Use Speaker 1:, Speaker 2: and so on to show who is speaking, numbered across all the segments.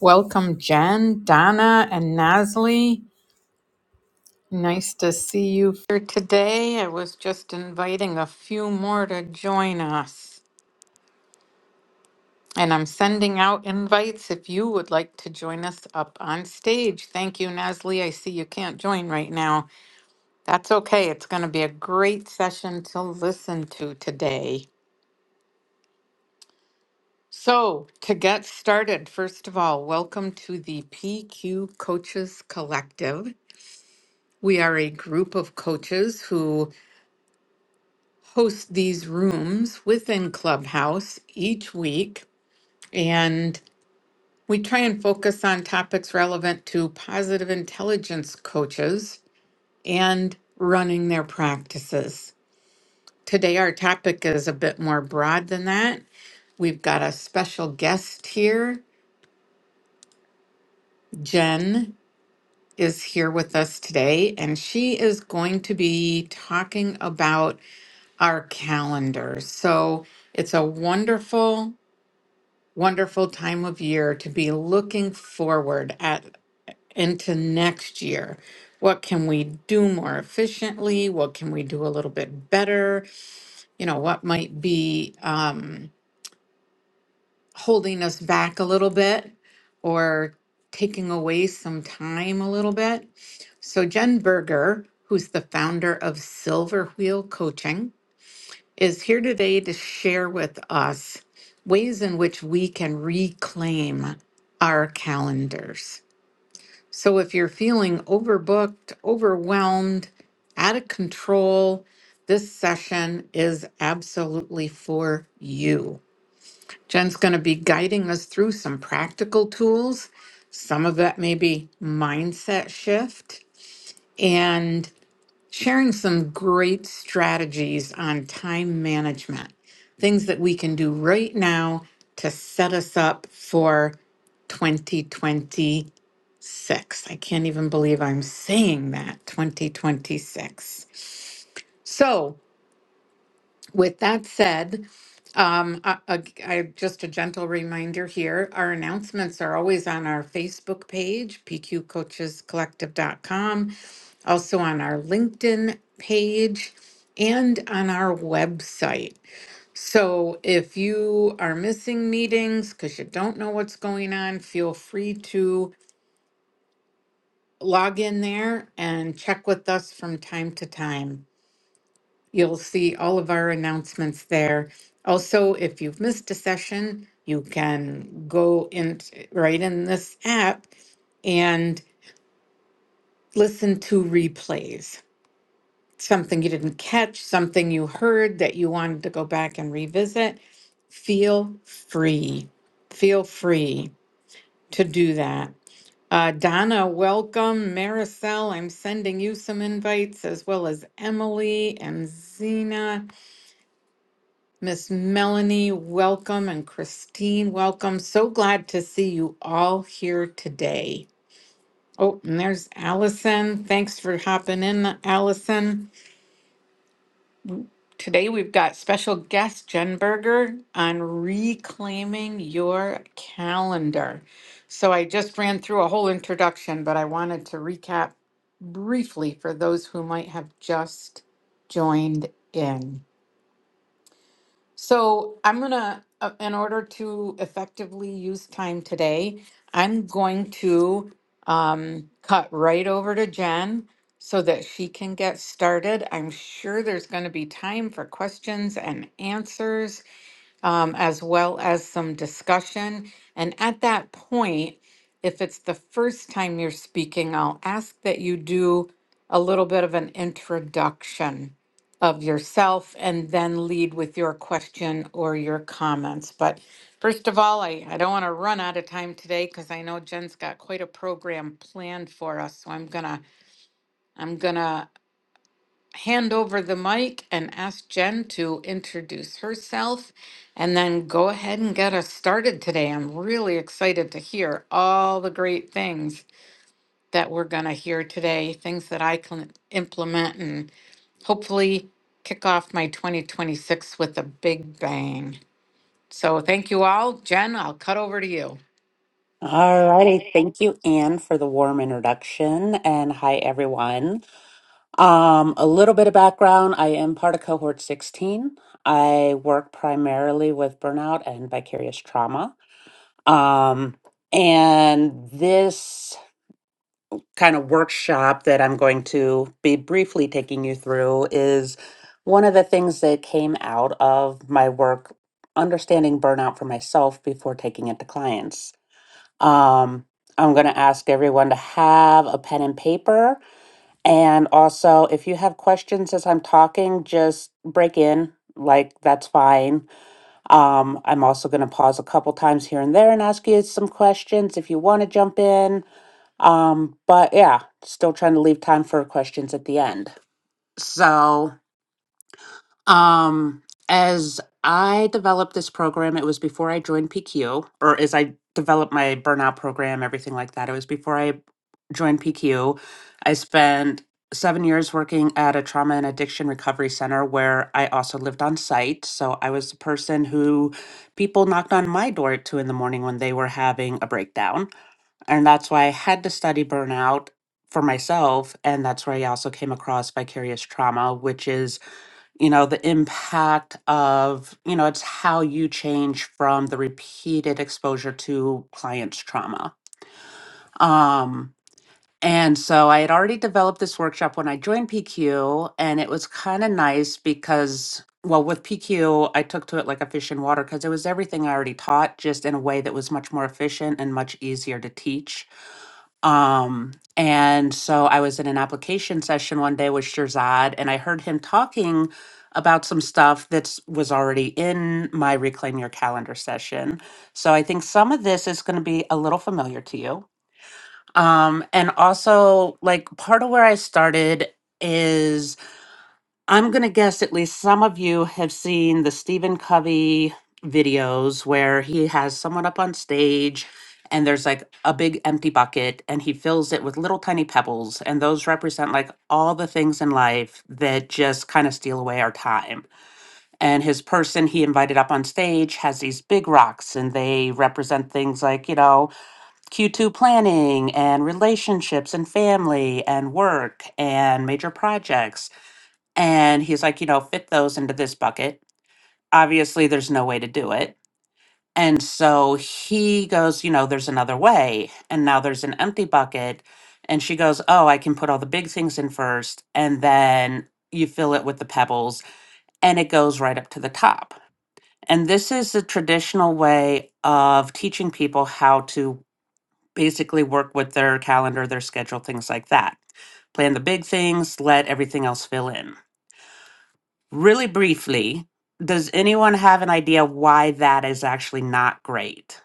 Speaker 1: Welcome, Jen, Donna, and Nasli. Nice to see you here today. I was just inviting a few more to join us. And I'm sending out invites if you would like to join us up on stage. Thank you, Nasli. I see you can't join right now. That's okay. It's going to be a great session to listen to today. So, to get started, first of all, welcome to the PQ Coaches Collective. We are a group of coaches who host these rooms within Clubhouse each week, and we try and focus on topics relevant to positive intelligence coaches and running their practices. Today, our topic is a bit more broad than that. We've got a special guest here. Jen is here with us today, and she is going to be talking about our calendars. So it's a wonderful, wonderful time of year to be looking forward at into next year. What can we do more efficiently? What can we do a little bit better? You know, what might be um, holding us back a little bit or taking away some time a little bit? So, Jen Berger, who's the founder of Silver Wheel Coaching, is here today to share with us ways in which we can reclaim our calendars. So if you're feeling overbooked, overwhelmed, out of control, this session is absolutely for you. Jen's going to be guiding us through some practical tools. Some of that may be mindset shift. and sharing some great strategies on time management, things that we can do right now to set us up for 2026. I can't even believe I'm saying that 2026. So, with that said, um, I, I, I- just a gentle reminder here, our announcements are always on our Facebook page, pqcoachescollective.com, also on our LinkedIn page, and on our website. So if you are missing meetings because you don't know what's going on, feel free to log in there and check with us from time to time. You'll see all of our announcements there. Also, if you've missed a session, you can go in right in this app and listen to replays. Something you didn't catch, something you heard that you wanted to go back and revisit, feel free. Feel free to do that. Uh, Donna, welcome. Maricel, I'm sending you some invites as well as Emily and Zena. Miss Melanie, welcome, and Christine, welcome. So glad to see you all here today. Oh, and there's Allison. Thanks for hopping in, Allison. Today we've got special guest Jen Berger on reclaiming your calendar. So I just ran through a whole introduction, but I wanted to recap briefly for those who might have just joined in. So I'm gonna, uh, in order to effectively use time today, I'm going to um, cut right over to Jen so that she can get started. I'm sure there's gonna be time for questions and answers um, as well as some discussion. And at that point, if it's the first time you're speaking, I'll ask that you do a little bit of an introduction of yourself and then lead with your question or your comments. But first of all, I, I don't want to run out of time today because I know Jen's got quite a program planned for us. So I'm gonna I'm gonna hand over the mic and ask Jen to introduce herself and then go ahead and get us started today. I'm really excited to hear all the great things that we're going to hear today, things that I can implement and hopefully kick off my 2026 with a big bang. So thank you all. Jen, I'll cut over to you.
Speaker 2: All righty. Thank you, Anne, for the warm introduction. And hi, everyone. Um, a little bit of background. I am part of cohort 16. I work primarily with burnout and vicarious trauma. Um, and this kind of workshop that I'm going to be briefly taking you through is one of the things that came out of my work understanding burnout for myself before taking it to clients. Um, I'm going to ask everyone to have a pen and paper. And also, if you have questions as I'm talking, just break in. Like, that's fine. Um, I'm also going to pause a couple times here and there and ask you some questions if you want to jump in. Um, but yeah, still trying to leave time for questions at the end. So, um, as I developed this program, it was before I joined PQ, or as I developed my burnout program, everything like that. It was before I joined PQ. I spent seven years working at a trauma and addiction recovery center where I also lived on site. So I was the person who people knocked on my door at two in the morning when they were having a breakdown. And that's why I had to study burnout for myself. And that's where I also came across vicarious trauma, which is you know the impact of you know it's how you change from the repeated exposure to clients trauma um and so i had already developed this workshop when i joined pq and it was kind of nice because well with pq i took to it like a fish in water because it was everything i already taught just in a way that was much more efficient and much easier to teach um, and so I was in an application session one day with Shirzad, and I heard him talking about some stuff that was already in my Reclaim Your Calendar session. So I think some of this is going to be a little familiar to you. Um, and also, like, part of where I started I'm going to guess at least some of you have seen the Stephen Covey videos where he has someone up on stage and there's like a big empty bucket and he fills it with little tiny pebbles. And those represent like all the things in life that just kind of steal away our time. And his person he invited up on stage has these big rocks and they represent things like, you know, Q2 planning and relationships and family and work and major projects and he's like, you know, fit those into this bucket. Obviously, there's no way to do it. And so he goes, you know, there's another way. And now there's an empty bucket. And she goes, oh, I can put all the big things in first. And then you fill it with the pebbles and it goes right up to the top. And this is the traditional way of teaching people how to basically work with their calendar, their schedule, things like that. Plan the big things, let everything else fill in. Really briefly, does anyone have an idea why that is actually not great?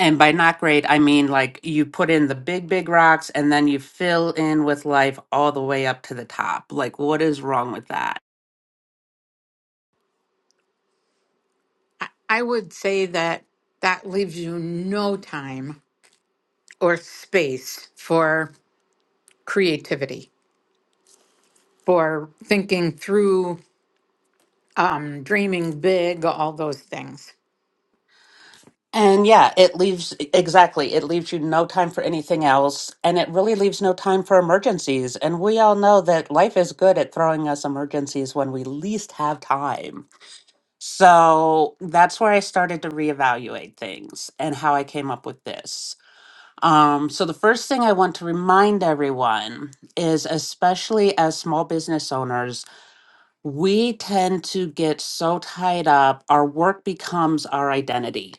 Speaker 2: And by not great, I mean like you put in the big, big rocks and then you fill in with life all the way up to the top. Like, what is wrong with that?
Speaker 1: I I would say that that leaves you no time or space for creativity for thinking through, um, dreaming big, all those things.
Speaker 2: And yeah, it leaves e, exactly, it leaves you no time for anything else. And it really leaves no time for emergencies. And we all know that life is good at throwing us emergencies when we least have time. So that's where I started to reevaluate things and how I came up with this. Um, so, the first thing I want to remind everyone is, especially as small business owners, we tend to get so tied up, our work becomes our identity.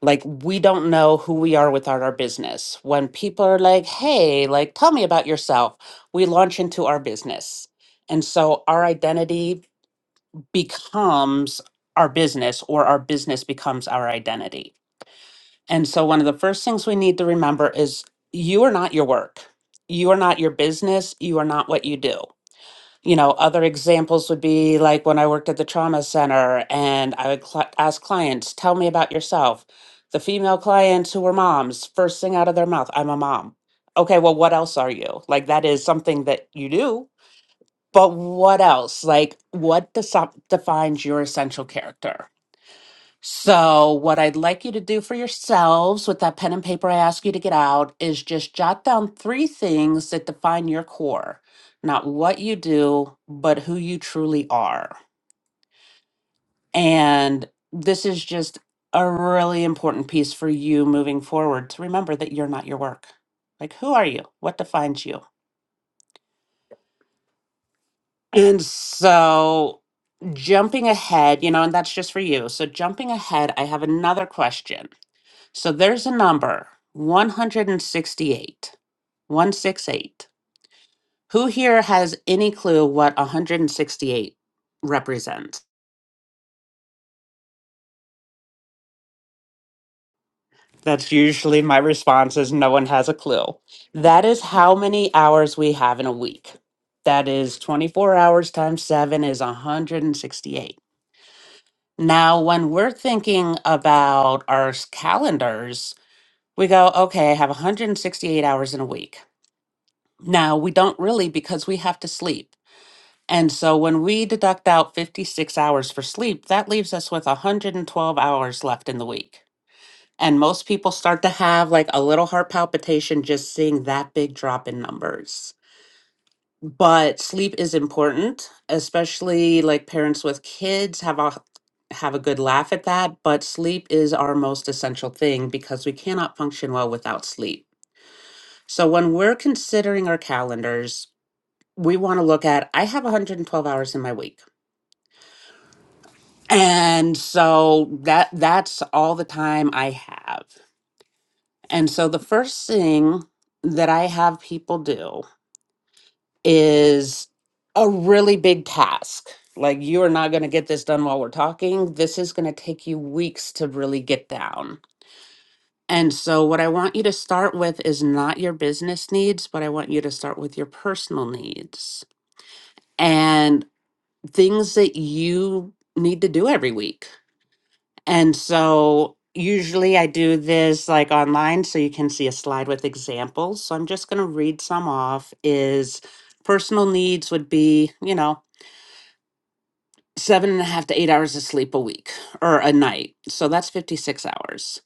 Speaker 2: Like, we don't know who we are without our business. When people are like, hey, like, tell me about yourself, we launch into our business. And so, our identity becomes our business or our business becomes our identity. And so, one of the first things we need to remember is you are not your work, you are not your business, you are not what you do. You know, other examples would be like when I worked at the trauma center and I would cl- ask clients, tell me about yourself. The female clients who were moms, first thing out of their mouth, I'm a mom. Okay, well, what else are you? Like, that is something that you do, but what else? Like, what desi- defines your essential character? So, what I'd like you to do for yourselves with that pen and paper I ask you to get out is just jot down three things that define your core, not what you do, but who you truly are. And this is just a really important piece for you moving forward to remember that you're not your work. Like, who are you? What defines you? And so jumping ahead, you know, and that's just for you. So jumping ahead, I have another question. So there's a number 168. 168. Who here has any clue what 168 represents? That's usually my response is no one has a clue. That is how many hours we have in a week. That is 24 hours times 7 is 168. Now, when we're thinking about our s- calendars, we go, okay, I have 168 hours in a week. Now, we don't really because we have to sleep. And so when we deduct out 56 hours for sleep, that leaves us with 112 hours left in the week. And most people start to have like a little heart palpitation just seeing that big drop in numbers but sleep is important especially like parents with kids have a have a good laugh at that but sleep is our most essential thing because we cannot function well without sleep so when we're considering our calendars we want to look at i have 112 hours in my week and so that that's all the time i have and so the first thing that i have people do is a really big task. Like, you are not going to get this done while we're talking. This is going to take you weeks to really get down. And so, what I want you to start with is not your business needs, but I want you to start with your personal needs and things that you need to do every week. And so, usually I do this like online so you can see a slide with examples. So, I'm just going to read some off is personal needs would be, you know, seven and a half to eight hours of sleep a week or a night. So that's 56 hours.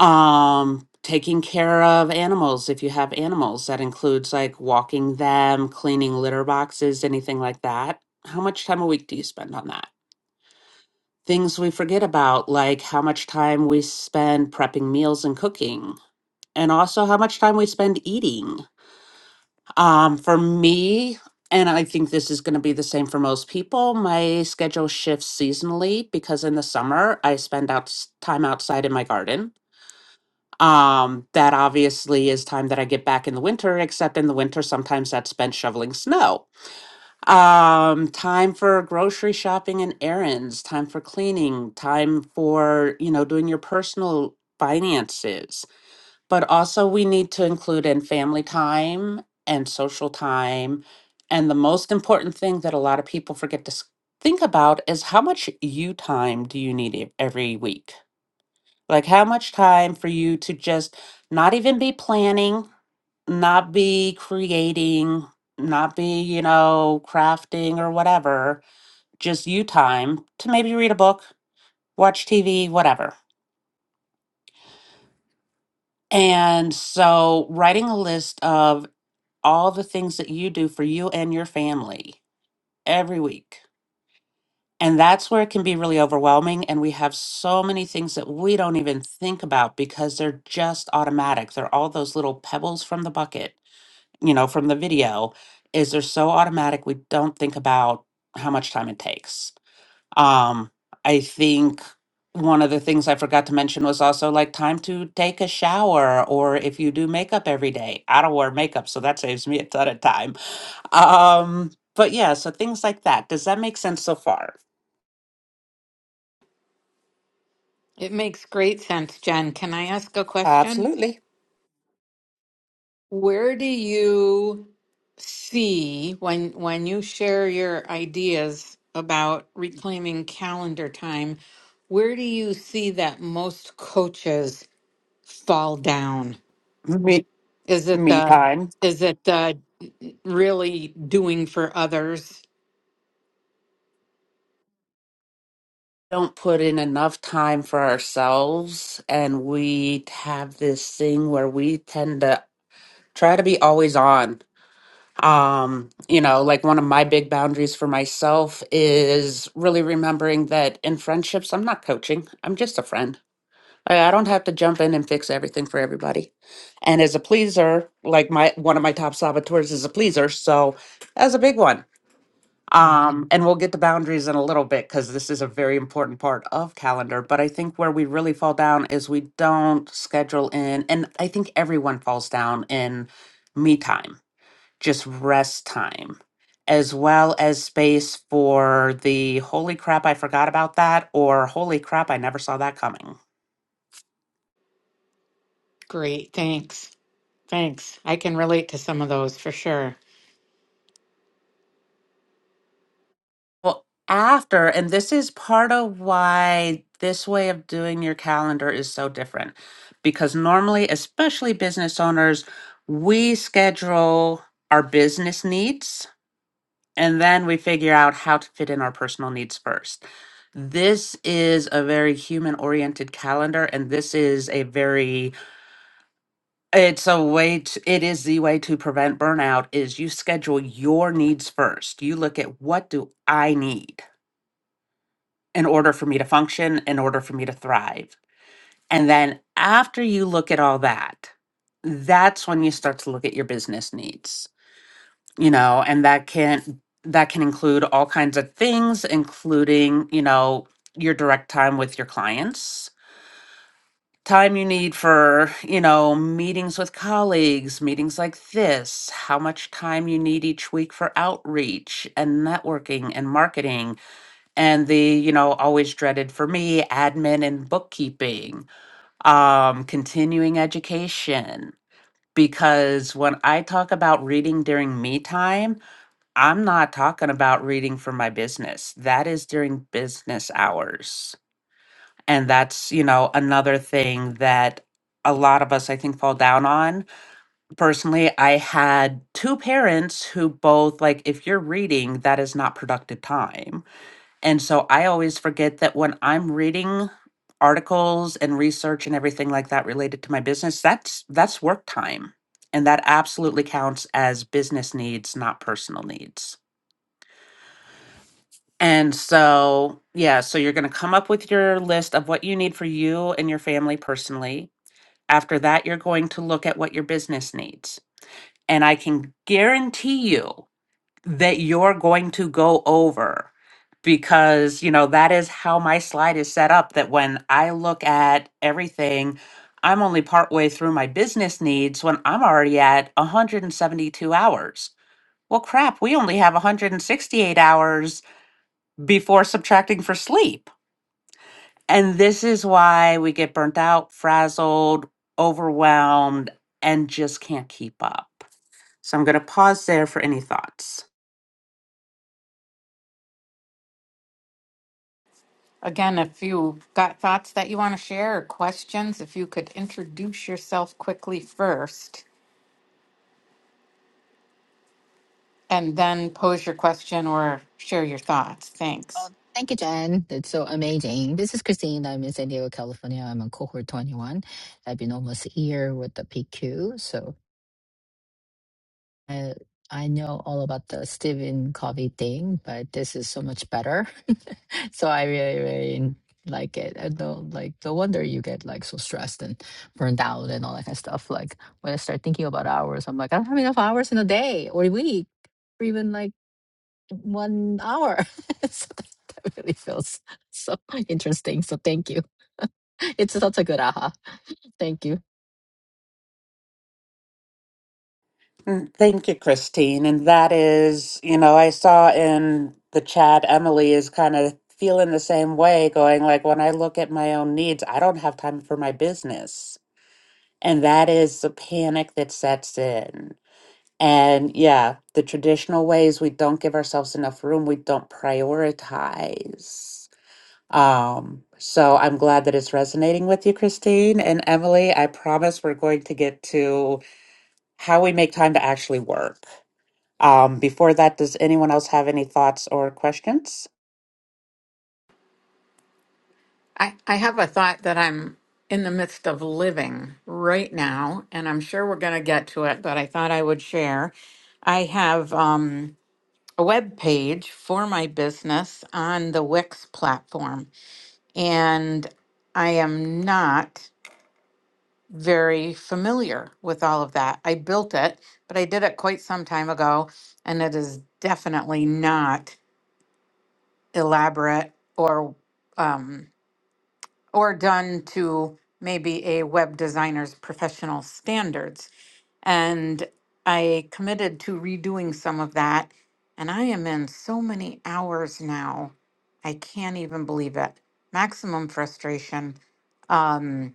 Speaker 2: Um, taking care of animals, if you have animals, that includes like walking them, cleaning litter boxes, anything like that. How much time a week do you spend on that? Things we forget about, like how much time we spend prepping meals and cooking, and also how much time we spend eating. Um, for me, and I think this is going to be the same for most people, my schedule shifts seasonally because in the summer I spend out time outside in my garden. Um, that obviously is time that I get back in the winter, except in the winter, sometimes that's spent shoveling snow. Um, time for grocery shopping and errands, time for cleaning, time for, you know, doing your personal finances but also we need to include in family time and social time. And the most important thing that a lot of people forget to s- think about is how much you time do you need e- every week? Like, how much time for you to just not even be planning, not be creating, not be, you know, crafting or whatever, just you time to maybe read a book, watch TV, whatever. And so, writing a list of all the things that you do for you and your family every week. And that's where it can be really overwhelming. And we have so many things that we don't even think about because they're just automatic. They're all those little pebbles from the bucket, you know, from the video, is they're so automatic we don't think about how much time it takes. Um, I think one of the things I forgot to mention was also like time to take a shower or if you do makeup every day. I don't wear makeup, so that saves me a ton of time um, but yeah, so things like that. Does that make sense so far?
Speaker 1: It makes great sense, Jen. Can I ask a question?
Speaker 2: Absolutely.
Speaker 1: Where do you see when when you share your ideas about reclaiming calendar time, where do you see that most coaches fall down?
Speaker 2: Me,
Speaker 1: Is it
Speaker 2: me
Speaker 1: the
Speaker 2: time.
Speaker 1: is it the really doing for others?
Speaker 2: Don't put in enough time for ourselves, and we have this thing where we tend to try to be always on. Um, you know, like one of my big boundaries for myself is really remembering that in friendships, I'm not coaching, I'm just a friend I I don't have to jump in and fix everything for everybody. And as a pleaser, like my one of my top saboteurs is a pleaser, so that's a big one.
Speaker 1: Mm,
Speaker 2: Um, and we'll get to boundaries in a little bit because this is a very important part of calendar. But I think where we really fall down is we don't schedule in, and I think everyone falls down in me time, just rest time, as well as space for the holy crap, I forgot about that, or holy crap, I never saw that coming
Speaker 1: great, thanks. Thanks. I can relate to some of those for sure.
Speaker 2: Well, after, and this is part of why this way of doing your calendar is so different. Because normally, especially business owners, we schedule our business needs and then we figure out how to fit in our personal needs first. This is a very human oriented calendar, and this is a very, it's a way to, it is the way to prevent burnout is you schedule your needs first. You look at what do I need? in order for me to function, in order for me to thrive. And then after you look at all that, that's when you start to look at your business needs, you know, and that can that can include all kinds of things including, you know, your direct time with your clients, time you need for, you know, meetings with colleagues, meetings like this, how much time you need each week for outreach and networking and marketing and the you know always dreaded for me admin and bookkeeping um continuing education because when i talk about reading during me time i'm not talking about reading for my business that is during business hours and that's you know another thing that a lot of us i think fall down on personally i had two parents who both like if you're reading that is not productive time and so I always forget that when I'm reading articles and research and everything like that related to my business, that's that's work time. And that absolutely counts as business needs, not personal needs. And so, yeah, so you're going to come up with your list of what you need for you and your family personally. After that, you're going to look at what your business needs. And I can guarantee you that you're going to go over because you know that is how my slide is set up that when i look at everything i'm only partway through my business needs when i'm already at 172 hours well crap we only have 168 hours before subtracting for sleep and this is why we get burnt out frazzled overwhelmed and just can't keep up so i'm going to pause there for any thoughts
Speaker 1: Again, if you've got thoughts that you want to share or questions, if you could introduce yourself quickly first and then pose your question or share your thoughts.
Speaker 3: Oh,
Speaker 1: Thanks.
Speaker 3: thank you, Jen. That's so amazing. This is Christine. I'm in San Diego, California. I'm on cohort 21. I've been almost a year with the PQ. So I, I know all about the Stephen Covey thing, but this is so much better. so I really, really like it. I don't like, no wonder you get like so stressed and burned out and all that kind of stuff. Like when I start thinking about hours, I'm like, I don't have enough hours in a day or a week. Or even like one hour. so that, that really feels so interesting. So thank you. It's such a good aha. Thank you.
Speaker 2: Mm, Thank you, Christine. And that is, you know, I saw in the chat, Emily is kind of feeling the same way, going like, when I look at my own needs, I don't have time for my business. And that is the panic that sets in. And yeah, the traditional ways we don't give ourselves enough room, we don't prioritize. Um, so I'm glad that it's resonating with you, Christine. And Emily, I promise we're going to get to how we make time to actually work um, before that, does anyone else have any thoughts or questions?
Speaker 1: I, I have a thought that I'm in the midst of living right now, and I'm sure we're going to get to it, but I thought I would share. I have um, a web page for my business on the Wix platform, and I am not very familiar with all of that. I built it, but I did it quite some time ago, and it is definitely not elaborate or um, or done to maybe a web designer's professional standards. And I committed to redoing some of that, and I am in so many hours now. I can't even believe it. Maximum frustration. Um,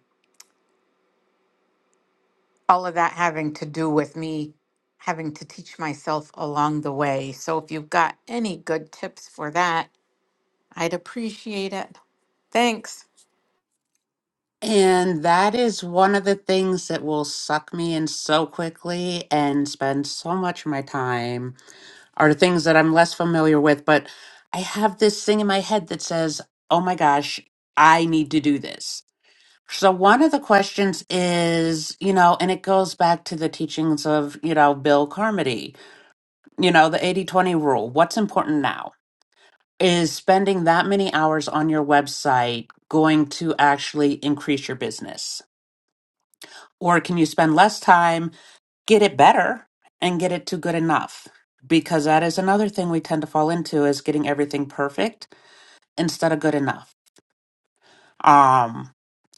Speaker 1: all of that having to do with me having to teach myself along the way. So if you've got any good tips for that, I'd appreciate it. Thanks.
Speaker 2: And that is one of the things that will suck me in so quickly and spend so much of my time are things that I'm less familiar with. But I have this thing in my head that says, oh my gosh, I need to do this. So one of the questions is, you know, and it goes back to the teachings of, you know, Bill Carmody, you know, the 80 20 rule. What's important now? is spending that many hours on your website going to actually increase your business? Or can you spend less time, get it better, and get it to good enough? Because that is another thing we tend to fall into is getting everything perfect instead of good enough. Um,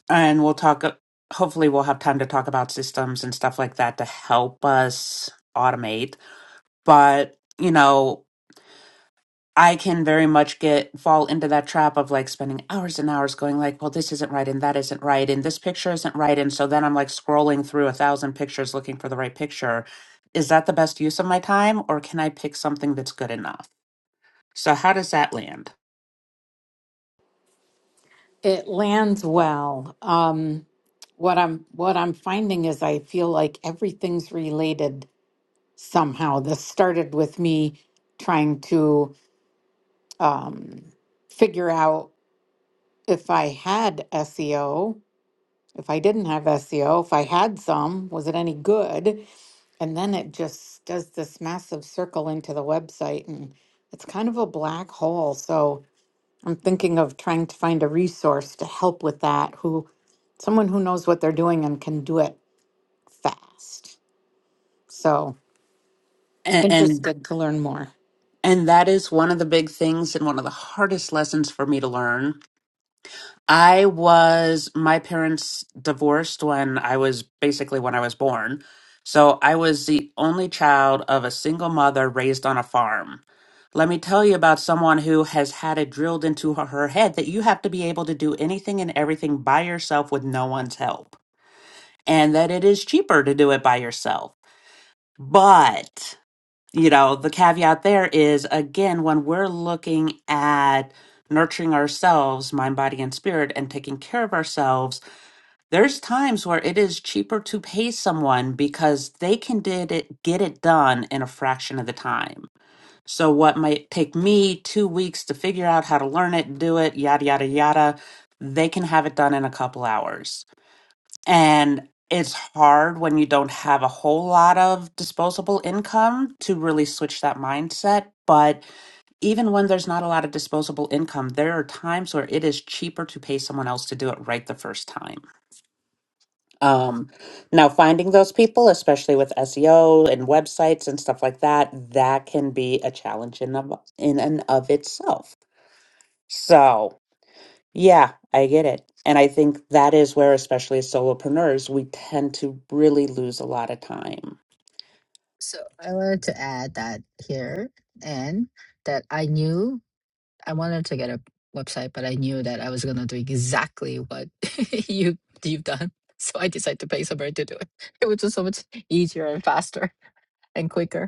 Speaker 2: and we'll talk, uh, hopefully, we'll have time to talk about systems and stuff like that to help us automate. But, you know, I can very much get fall into that trap of like spending hours and hours going like, well, this isn't right and that isn't right and this picture isn't right. And so then I'm like scrolling through a thousand pictures looking for the right picture. Is that the best use of my time or can I pick something that's good enough? So how does that land?
Speaker 1: It lands well. Um, what I'm what I'm finding is I feel like everything's related somehow. This started with me trying to um, figure out if I had SEO, if I didn't have SEO, if I had some, was it any good? And then it just does this massive circle into the website, and it's kind of a black hole. So I'm thinking of trying to find a resource to help with that, who someone who knows what they're doing and can do it fast. So
Speaker 2: And and,
Speaker 1: interested to learn more.
Speaker 2: and that is one of the big things and one of the hardest lessons for me to learn I was, my parents divorced when I was basically when I was born. So I was the only child of a single mother raised on a farm. Let me tell you about someone who has had it drilled into her her head that you have to be able to do anything and everything by yourself with no one's help, and that it is cheaper to do it by yourself. But you know, the caveat there is again, when we're looking at nurturing ourselves, mind, body, and spirit, and taking care of ourselves, there's times where it is cheaper to pay someone because they can did it, get it done in a fraction of the time. So, what might take me two weeks to figure out how to learn it, do it, yada, yada, yada, they can have it done in a couple hours. And it's hard when you don't have a whole lot of disposable income to really switch that mindset. But even when there's not a lot of disposable income, there are times where it is cheaper to pay someone else to do it right the first time. Um, now, finding those people, especially with SEO and websites and stuff like that, that can be a challenge in, of, in and of itself. So, yeah, I get it. And I think that is where, especially as solopreneurs, we tend to really lose a lot of time.
Speaker 3: So I wanted to add that here and that I knew I wanted to get a website, but I knew that I was gonna do exactly what you you've done. So I decided to pay somebody to do it. It was just so much easier and faster and quicker.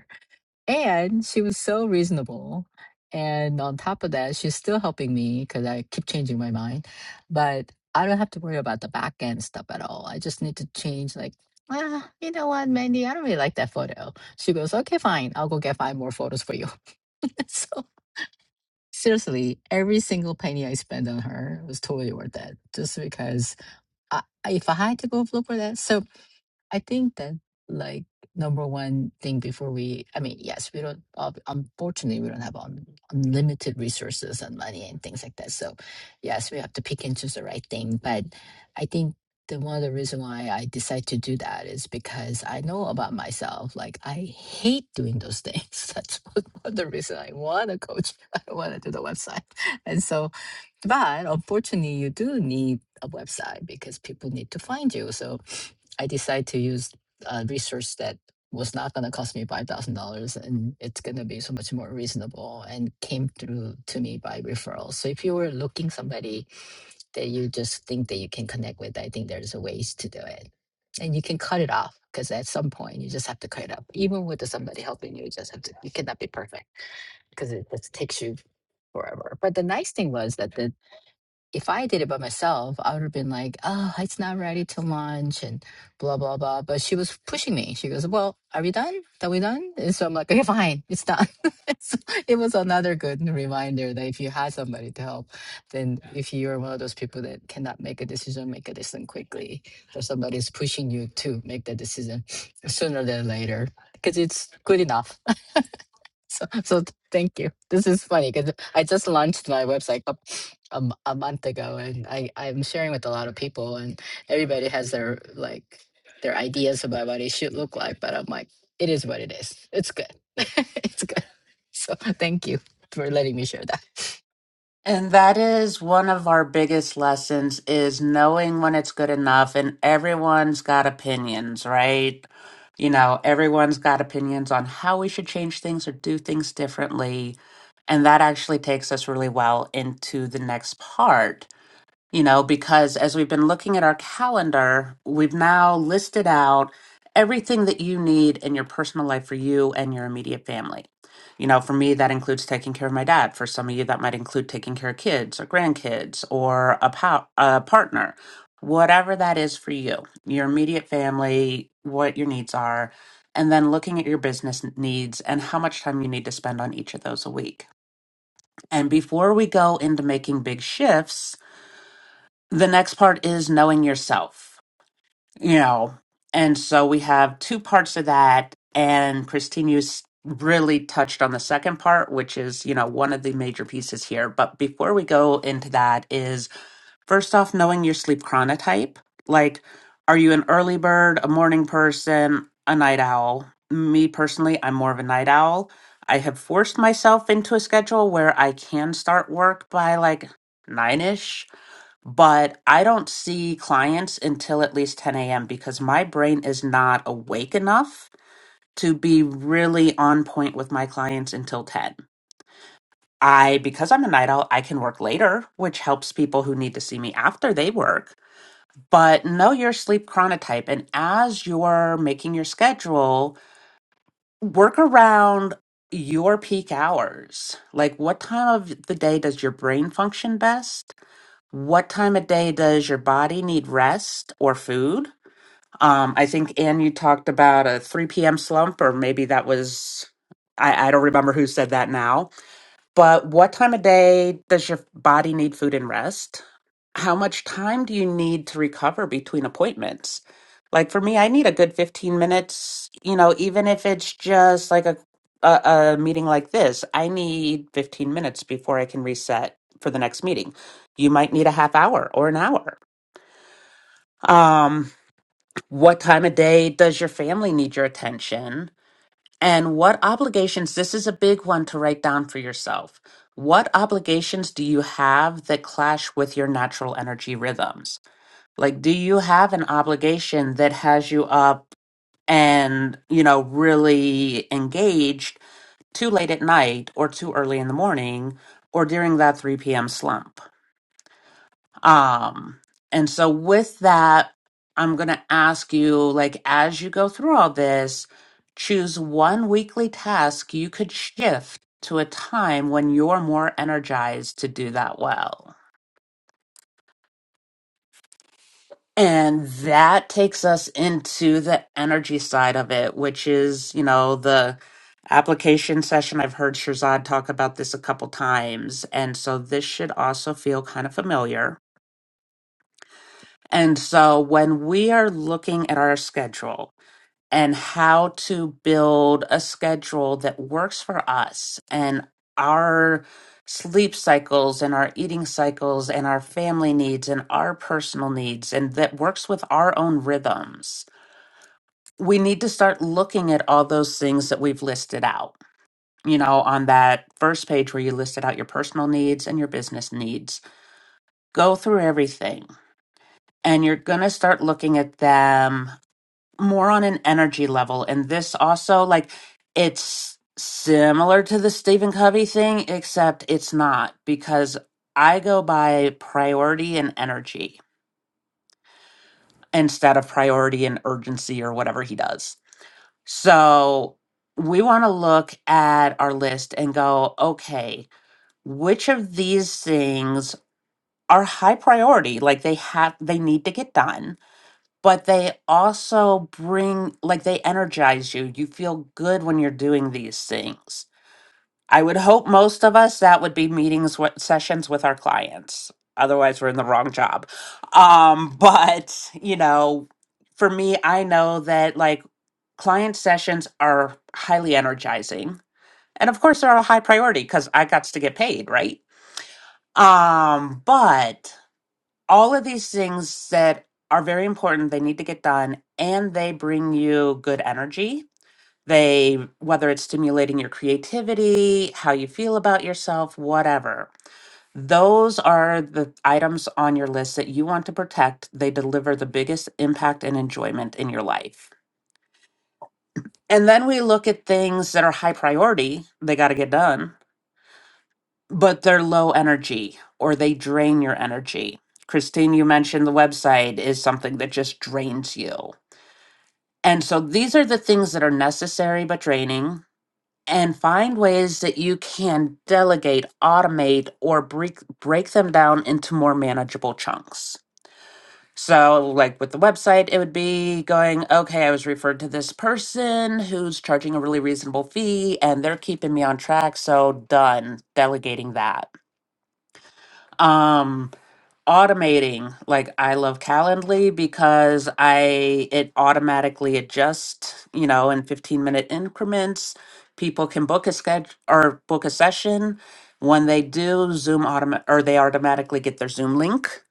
Speaker 3: And she was so reasonable. And on top of that, she's still helping me because I keep changing my mind. But I don't have to worry about the back end stuff at all. I just need to change, like, ah, you know what, Mandy, I don't really like that photo. She goes, okay, fine. I'll go get five more photos for you. so seriously, every single penny I spent on her was totally worth it. Just because I, I- if I had to go look for that, so I think that like number one thing before we, I mean, yes, we don't, uh, unfortunately, we don't have un, unlimited resources and money and things like that. So, yes, we have to pick and choose the right thing. But I think the one of the reason why I decide to do that is because I know about myself. Like I hate doing those things. That's one of the reason I want to coach. I want to do the website. And so, but unfortunately, you do need a website because people need to find you. So I decide to use uh, research that was not going to cost me five thousand dollars, and it's going to be so much more reasonable, and came through to me by referrals. So if you were looking somebody that you just think that you can connect with, I think there's a ways to do it, and you can cut it off because at some point you just have to cut it off. Even with the somebody helping you, you just have to. You cannot be perfect because it just takes you forever. But the nice thing was that the if I did it by myself, I would have been like, oh, it's not ready till lunch and blah, blah, blah. But she was pushing me. She goes, well, are we done? Are we done? And so I'm like, okay, fine, it's done. so it was another good reminder that if you had somebody to help, then if you're one of those people that cannot make a decision, make a decision quickly, or somebody's pushing you to make that decision sooner than later, because it's good enough so, so th- thank you. This is funny because I just launched my website a, a, m- a month ago, and I I'm sharing with a lot of people, and everybody has their like their ideas about what it should look like. But I'm like, it is what it is. It's good. it's good. So thank you for letting me share that.
Speaker 2: And that is one of our biggest lessons is knowing when it's good enough and everyone's got opinions, right? You know, everyone's got opinions on how we should change things or do things differently. And that actually takes us really well into the next part. you know, because as we've been looking at our calendar, we've now listed out everything that you need in your personal life for you and your immediate family. You know, for me, that includes taking care of my dad. For some of you, that might include taking care of kids or grandkids or a, pa- a partner, whatever that is for you, your immediate family, what your needs are, and then looking at your business needs and how much time you need to spend on each of those a week. And before we go into making big shifts, the next part is knowing yourself, you know. And so we have two parts of that. And Christine, you s- really touched on the second part, which is, you know, one of the major pieces here. But before we go into that, is first off, knowing your sleep chronotype. Like, are you an early bird, a morning person, a night owl? Me personally, I'm more of a night owl. I have forced myself into a schedule where I can start work by like nine ish but I don't see clients until at least 10 a.m. because my brain is not awake enough to be really on point with my clients until 10. I, because I'm a night owl, I can work later, which helps people who need to see me after they work. But know your sleep chronotype. And as you're making your schedule, work around your peak hours. Like, what time of the day does your brain function best? what time of day does your body need rest or food? Um, I think Anne, you talked about a 3 p.m. slump, or maybe that was I, I don't remember who said that now. But what time of day does your body need food and rest? how much time do you need to recover between appointments? Like for me, I need a good 15 minutes, you know, even if it's just like a a, a meeting like this, I need 15 minutes before I can reset for the next meeting. You might need a half hour or an hour. Um, what time of day does your family need your attention? And what obligations, this is a big one to write down for yourself. What obligations do you have that clash with your natural energy rhythms? Like, do you have an obligation that has you up and, you know, really engaged too late at night or too early in the morning or during that 3 p.m. slump? Um, and so with that, I'm going to ask you, like, as you go through all this, choose one weekly task you could shift to a time when you're more energized to do that well. And that takes us into the energy side of it, which is, you know, the application session. I've heard Shirzad talk about this a couple times. And so this should also feel kind of familiar. And so when we are looking at our schedule, and how to build a schedule that works for us and our sleep cycles and our eating cycles and our family needs and our personal needs and that works with our own rhythms. We need to start looking at all those things that we've listed out. You know, on that first page where you listed out your personal needs and your business needs, go through everything and you're going to start looking at them more on an energy level. And this also, like, it's similar to the Stephen Covey thing, except it's not because I go by priority and energy instead of priority and urgency or whatever he does. So we want to look at our list and go, okay, which of these things are high priority? Like they have, they need to get done but they also bring like they energize you. You feel good when you're doing these things. I would hope most of us that would be meetings with sessions with our clients. Otherwise, we're in the wrong job. Um, but you know, for me, I know that like client sessions are highly energizing, and of course, they're a high priority because I got to get paid, right? Um, but all of these things that are very important they need to get done and they bring you good energy they whether it's stimulating your creativity how you feel about yourself whatever those are the items on your list that you want to protect they deliver the biggest impact and enjoyment in your life and then we look at things that are high priority they got to get done but they're low energy or they drain your energy. Christine, you mentioned the website is something that just drains you. And so these are the things that are necessary but draining. And find ways that you can delegate, automate, or break, break them down into more manageable chunks. So, like with the website, it would be going, okay, I was referred to this person who's charging a really reasonable fee and they're keeping me on track. So, done delegating that. Um, automating like i love calendly because i it automatically adjusts you know in 15 minute increments people can book a schedule or book a session when they do zoom automa- or they automatically get their zoom link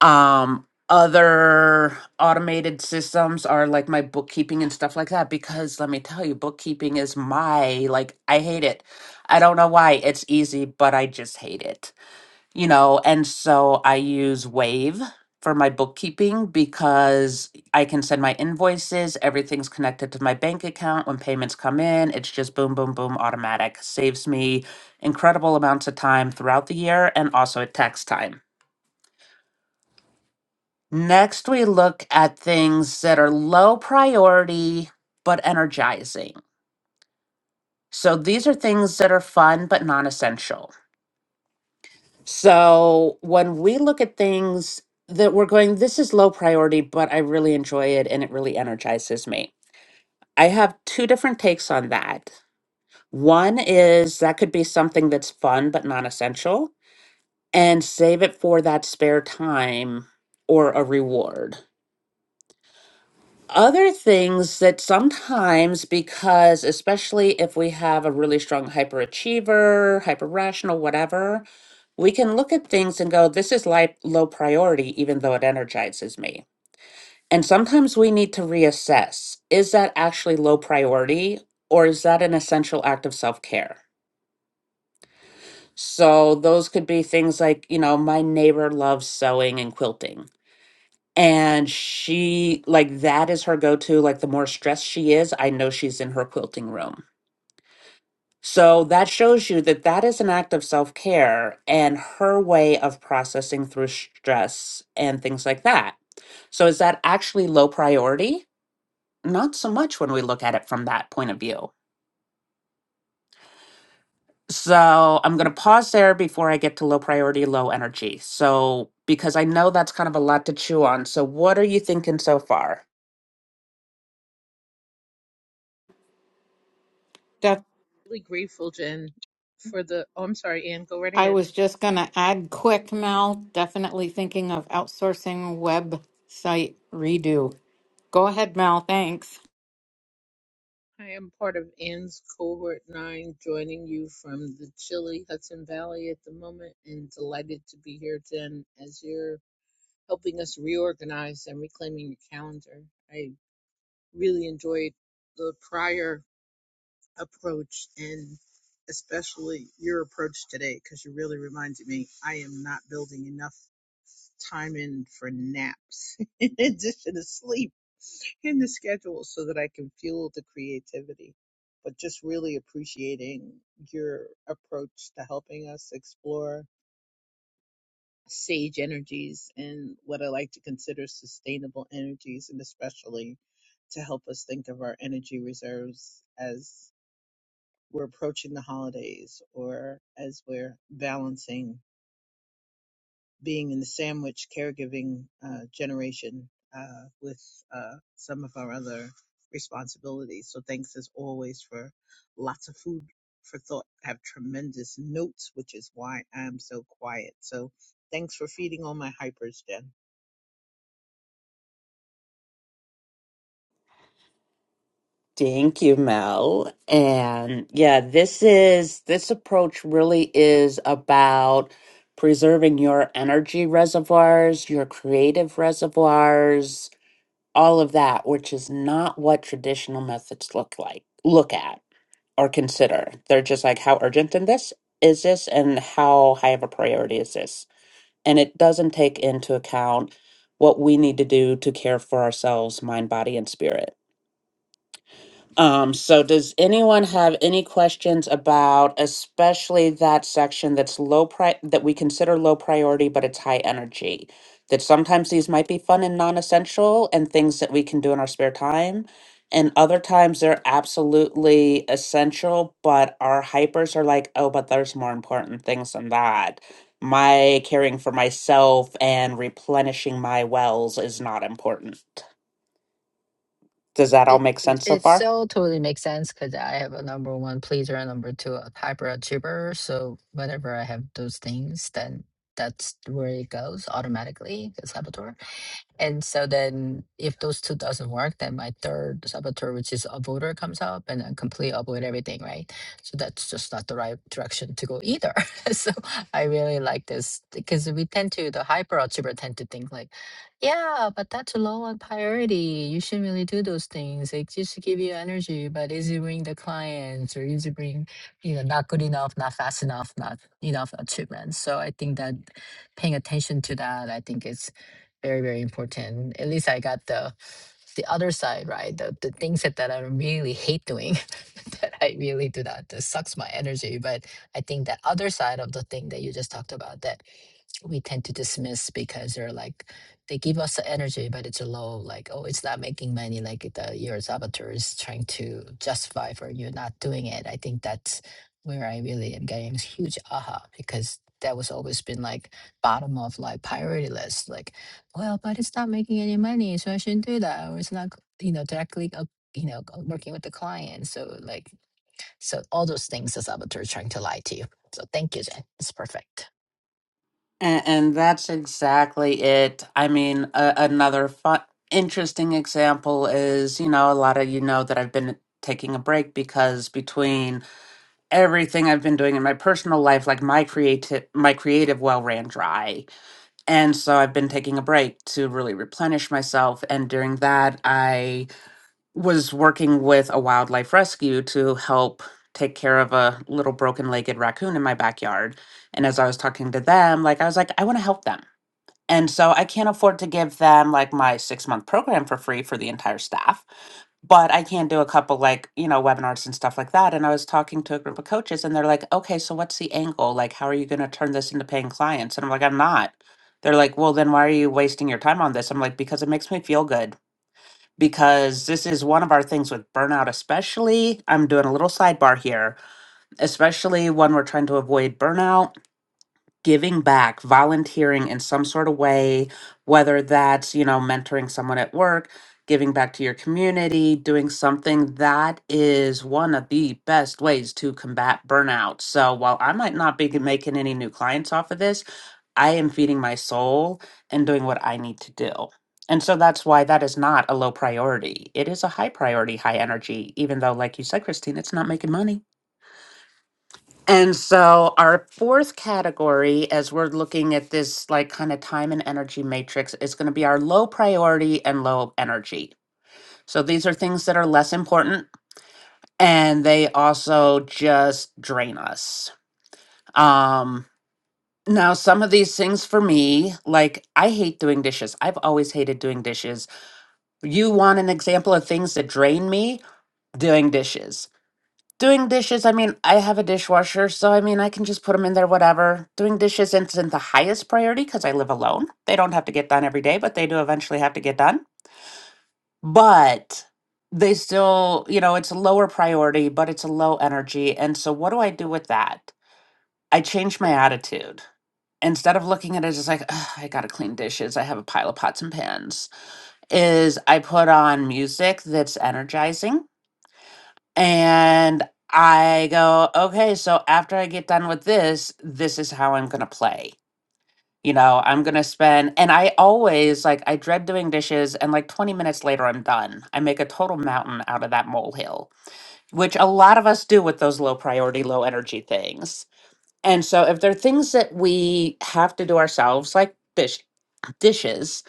Speaker 2: um other automated systems are like my bookkeeping and stuff like that because let me tell you bookkeeping is my like i hate it i don't know why it's easy but i just hate it you know, and so I use Wave for my bookkeeping because I can send my invoices, everything's connected to my bank account. When payments come in, it's just boom, boom, boom, automatic. Saves me incredible amounts of time throughout the year and also at tax time. Next, we look at things that are low priority but energizing. So these are things that are fun but non essential. So when we look at things that we're going, this is low priority, but I really enjoy it and it really energizes me. I have two different takes on that. One is that could be something that's fun but non essential and save it for that spare time or a reward. Other things that sometimes, because especially if we have a really strong hyperachiever, hyper rational, whatever, We can look at things and go, this is like low priority, even though it energizes me. And sometimes we need to reassess is that actually low priority or is that an essential act of self care? So those could be things like, you know, my neighbor loves sewing and quilting. And she, like, that is her go to. Like, the more stressed she is, I know she's in her quilting room So that shows you that that is an act of self care and her way of processing through stress and things like that. So is that actually low priority? Not so much when we look at it from that point of view. So I'm going to pause there before I get to low priority, low energy. So, because I know that's kind of a lot to chew on. So, what are you thinking so far?
Speaker 1: Def-
Speaker 4: really grateful, Jen, for the. Oh, I'm sorry, Ann. Go right
Speaker 1: I
Speaker 4: ahead.
Speaker 1: was just going to add quick, Mel, definitely thinking of outsourcing website redo. Go ahead, Mel. Thanks.
Speaker 4: I am part of Ann's cohort nine, joining you from the chilly Hudson Valley at the moment, and delighted to be here, Jen, as you're helping us reorganize and reclaiming your calendar. I really enjoyed the prior approach and especially your approach today because you really reminded me I am not building enough time in for naps in addition to sleep in the schedule so that I can fuel the creativity. But just really appreciating your approach to helping us explore sage energies and what I like to consider sustainable energies, and especially to help us think of our energy reserves as we're approaching the holidays or as we're balancing being in the sandwich caregiving uh, generation uh, with uh, some of our other responsibilities. So thanks as always for lots of food for thought. I have tremendous notes, which is why I'm so quiet. So thanks for feeding all my hypers, Jen.
Speaker 2: Thank you, Mel. And yeah, this is this approach really is about preserving your energy reservoirs, your creative reservoirs, all of that, which is not what traditional methods look like, look at or consider. They're just like, how urgent in this is this and how high of a priority is this? And it doesn't take into account what we need to do to care for ourselves, mind, body, and spirit um, so does anyone have any questions about especially that section that's low pri that we consider low priority, but it's high energy? That sometimes these might be fun and non-essential and things that we can do in our spare time. And other times they're absolutely essential, but our hypers are like, oh, but there's more important things than that. My caring for myself and replenishing my wells is not important. Does that all
Speaker 3: It
Speaker 2: make
Speaker 3: it
Speaker 2: sense so
Speaker 3: it
Speaker 2: far?
Speaker 3: so totally makes sense because I have a number one pleaser and number two a hyperachiever. So whenever I have those things, then that's where it goes automatically. The saboteur. And so then if those 2 doesn't work, then my 3rd saboteur, which is avoider comes up and then completely avoid everything, right? So that's just not the right direction to go either. so I really like this because we tend to, the hyperachiever tend to think like, yeah, but that's low on priority. You shouldn't really do those things. It just give you energy, but is it bring the clients or is it bring, you know, not good enough, not fast enough, not enough achievements. So I think that paying attention to that, I think it's very very important at least i got the the other side right the, the things that, that i really hate doing that i really do that that sucks my energy but i think that other side of the thing that you just talked about that we tend to dismiss because they're like they give us the energy but it's a low like oh it's not making money like the your saboteur is trying to justify for you not doing it i think that's where i really am getting this huge aha because that was always been like bottom of like priority list like well, but it's not making any money, so I shouldn't do that. Or it's not, you know, directly, uh, you know, uh, working with the client. So, like, so all those things the saboteur is trying to lie to you. So, thank you, Jen. It's perfect.
Speaker 2: And, and that's exactly it. I mean, a, another fun, interesting example is, you know, a lot of you know that I've been taking a break because between everything I've been doing in my personal life, like my creative my creative well ran dry. And so I've been taking a break to really replenish myself. And during that, I was working with a wildlife rescue to help take care of a little broken-legged raccoon in my backyard. And as I was talking to them, like I was like, I want to help them and so I can't afford to give them like my six month program for free for the entire staff, but I can do a couple like, you know, webinars and stuff like that. And I was talking to a group of coaches and they're like, okay, so what's the angle? Like, how are you going to turn this into paying clients? And I'm like, I'm not. They're like, well, then why are you wasting your time on this? I'm like, because it makes me feel good. Because this is one of our things with burnout, especially. I'm doing a little sidebar here, especially when we're trying to avoid burnout giving back, volunteering in some sort of way, whether that's, you know, mentoring someone at work, giving back to your community, doing something that is one of the best ways to combat burnout. So while I might not be making any new clients off of this, I am feeding my soul and doing what I need to do. And so that's why that is not a low priority. It is a high priority, high energy, even though, like you said, Christine, it's not making money. And so, our fourth category, as we're looking at this like kind of time and energy matrix, is going to be our low priority and low energy. So, these are things that are less important and they also just drain us. Um, now, some of these things for me, like I hate doing dishes. I've always hated doing dishes. You want an example of things that drain me? Doing dishes. Doing dishes, I mean, I have a dishwasher, so I mean, I can just put them in there, whatever. Doing dishes isn't the highest priority because I live alone. They don't have to get done every day, but they do eventually have to get done. But they still, you know, it's a lower priority, but it's a low energy. And so, what do I do with that? I change my attitude. Instead of looking at it as like, "Ugh, I gotta clean dishes, I have a pile of pots and pans, is I put on music that's energizing And I go, okay, so after I get done with this, this is how I'm going to play. You know, I'm going to spend, and I always like, I dread doing dishes, and like 20 minutes later, I'm done. I make a total mountain out of that molehill, which a lot of us do with those low priority, low energy things. And so if there are things that we have to do ourselves, like dish, dishes,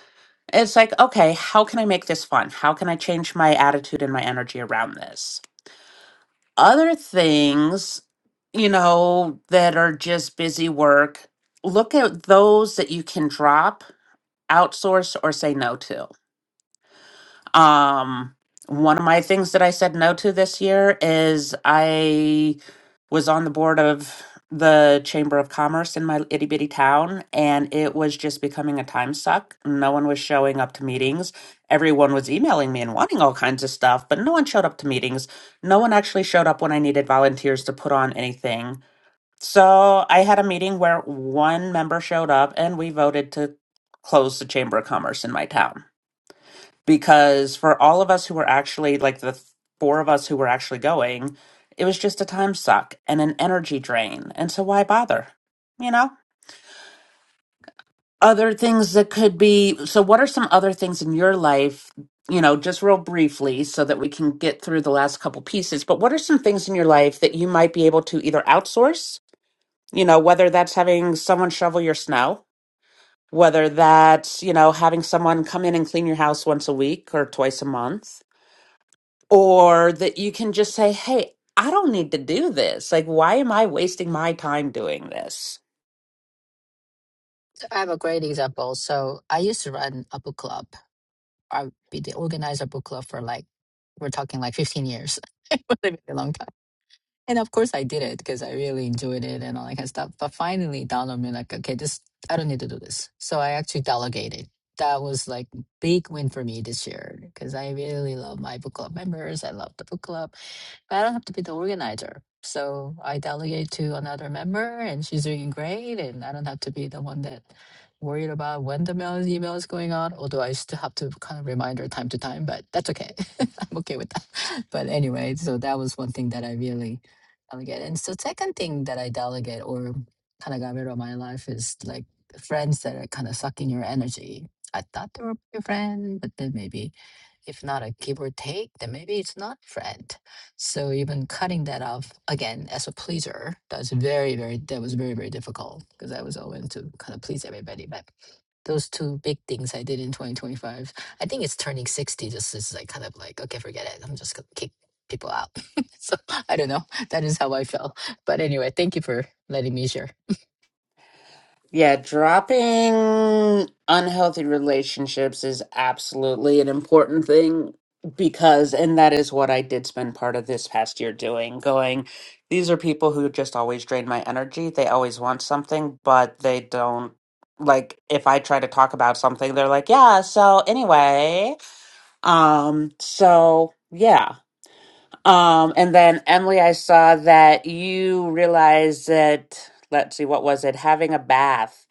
Speaker 2: it's like, okay, how can I make this fun? How can I change my attitude and my energy around this? Other things, you know, that are just busy work, look at those that you can drop, outsource, or say no to. Um, one of my things that I said no to this year is I was on the board of the Chamber of Commerce in my itty bitty town, and it was just becoming a time suck. No one was showing up to meetings. Everyone was emailing me and wanting all kinds of stuff, but no one showed up to meetings. No one actually showed up when I needed volunteers to put on anything. So I had a meeting where one member showed up and we voted to close the Chamber of Commerce in my town because for all of us who were actually like the th- four of us who were actually going, it was just a time suck and an energy drain. And so why bother? You know? Other things that could be so what are some other things in your life, you know, just real briefly so that we can get through the last couple pieces, but what are some things in your life that you might be able to either outsource, you know, whether that's having someone shovel your snow, whether that's, you know, having someone come in and clean your house once a week or twice a month, or that you can just say, hey, I don't need to do this. Like, why am I wasting my time doing this?
Speaker 3: So I have a great example. So, I used to run a book club. I'd be the organizer book club for like, we're talking like 15 years. it was a very long time. And of course, I did it because I really enjoyed it and all that kind of stuff. But finally, it dawned on me like, okay, this I don't need to do this. So I actually delegated. That was like big win for me this year because I really love my book club members. I love the book club, but I don't have to be the organizer. So I delegate to another member, and she's doing great. And I don't have to be the one that worried about when the mail email is going out. Although I still have to kind of remind her time to time, but that's okay. I'm okay with that. But anyway, so that was one thing that I really delegate. And so second thing that I delegate or kind of got rid of my life is like friends that are kind of sucking your energy. I thought they were your friend, but then maybe if not a give or take, then maybe it's not friend. So even cutting that off again as a pleaser, that's very, very that was very, very difficult because I was always to kind of please everybody. But those two big things I did in 2025, I think it's turning 60 just is like kind of like, okay, forget it. I'm just gonna kick people out. so I don't know. That is how I feel. But anyway, thank you for letting me share.
Speaker 2: Yeah, dropping unhealthy relationships is absolutely an important thing because, and that is what I did spend part of this past year doing, going, these are people who just always drain my energy. They always want something, but they don't. Like, if I try to talk about something, they're like, yeah, so anyway. Um, so yeah Um, and then Emily, I saw that you realized that, let's see, what was it? Having a bath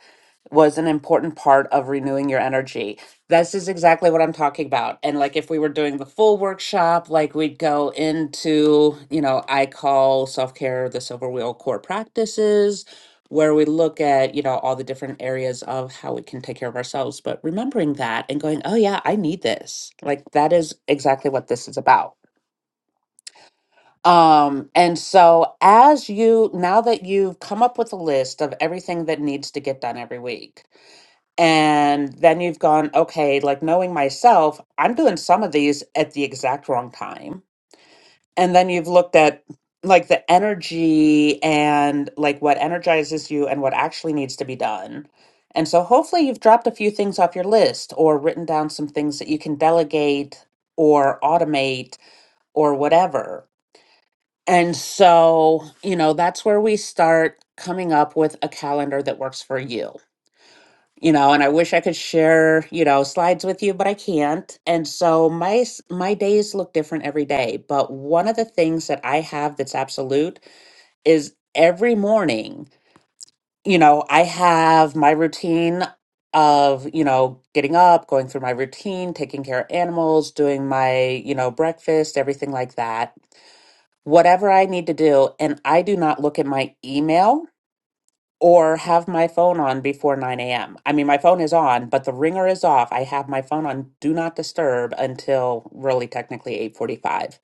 Speaker 2: was an important part of renewing your energy. This is exactly what I'm talking about. And like if we were doing the full workshop, like we'd go into, you know, I call self care the silver wheel core practices, where we look at, you know, all the different areas of how we can take care of ourselves. But remembering that and going, oh, yeah, I need this. Like that is exactly what this is about. Um, and so as you now that you've come up with a list of everything that needs to get done every week, and then you've gone, okay, like knowing myself, I'm doing some of these at the exact wrong time. And then you've looked at like the energy and like what energizes you and what actually needs to be done. And so hopefully you've dropped a few things off your list or written down some things that you can delegate or automate or whatever and so, you know, that's where we start coming up with a calendar that works for you. You know, and I wish I could share, you know, slides with you, but I can't. And so my s- my days look different every day, but one of the things that I have that's absolute is every morning, you know, I have my routine of, you know, getting up, going through my routine, taking care of animals, doing my, you know, breakfast, everything like that whatever I need to do, and I do not look at my email or have my phone on before 9 a.m. I mean, my phone is on, but the ringer is off. I have my phone on do not disturb until really technically 8:45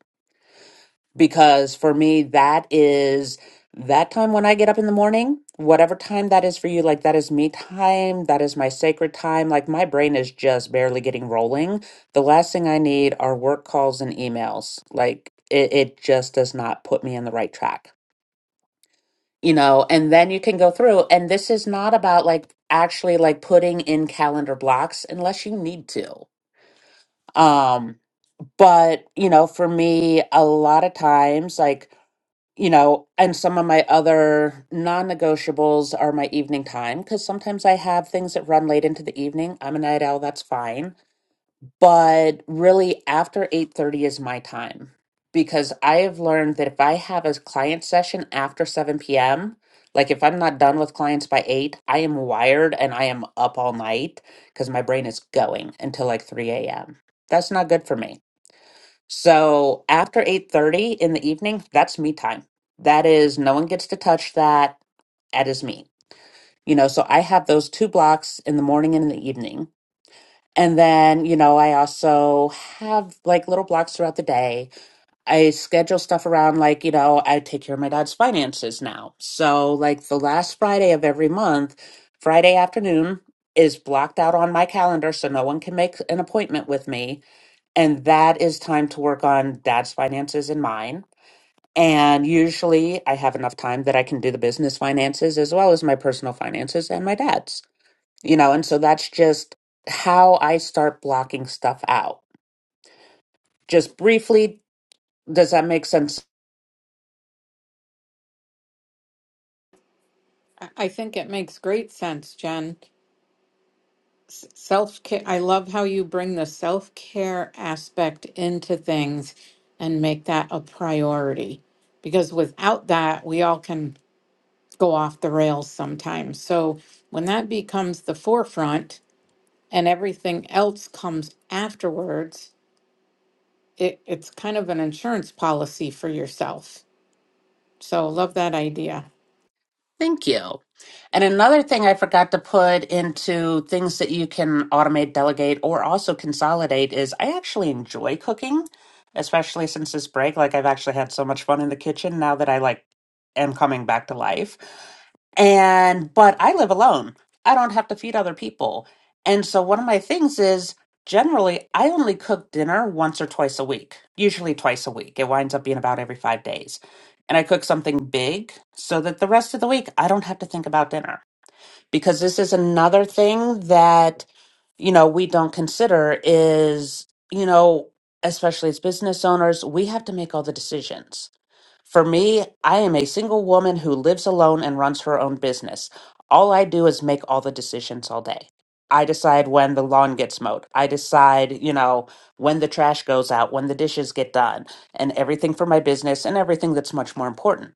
Speaker 2: because for me that is that time when I get up in the morning, whatever time that is for you, like that is me time, that is my sacred time. Like my brain is just barely getting rolling. The last thing I need are work calls and emails. Like it, it just does not put me in the right track. you know, and then you can go through. And this is not about like actually like putting in calendar blocks unless you need to. Um, but you know, for me, a lot of times, like, you know, and some of my other non negotiables are my evening time because sometimes I have things that run late into the evening. I'm a night owl, that's fine but really after 8:30 is my time because I have learned that if I have a client session after 7 p.m., like if I'm not done with clients by 8, I am wired and I am up all night because my brain is going until like 3 a.m. That's not good for me. So after 8:30 in the evening, that's me time. That is no one gets to touch that. That is me. You know, so I have those two blocks in the morning and in the evening and then, you know, I also have like little blocks throughout the day. I schedule stuff around, like, you know, I take care of my dad's finances now. So, like, the last Friday of every month, Friday afternoon is blocked out on my calendar so no one can make an appointment with me. And that is time to work on dad's finances and mine. And usually I have enough time that I can do the business finances as well as my personal finances and my dad's you know and so that's just how i start blocking stuff out just briefly does that make sense
Speaker 1: I I think it makes great sense, Jen. Self care. I love how you bring the self care aspect into things and make that a priority because without that, we all can go off the rails sometimes. So when that becomes the forefront and everything else comes afterwards, it, it's kind of an insurance policy for yourself. So love that idea.
Speaker 2: Thank you. And another thing I forgot to put into things that you can automate, delegate, or also consolidate is I actually enjoy cooking, especially since this break. Like, I've actually had so much fun in the kitchen now that I like am coming back to life. And, but I live alone. I don't have to feed other people. And so one of my things is generally I only cook dinner once or twice a week, usually twice a week. It winds up being about every five days and I cook something big so that the rest of the week I don't have to think about dinner. Because this is another thing that, you know, we don't consider is, you know, especially as business owners, we have to make all the decisions. For me, I am a single woman who lives alone and runs her own business. All I do is make all the decisions all day. I decide when the lawn gets mowed. I decide, you know, when the trash goes out, when the dishes get done, and everything for my business and everything that's much more important.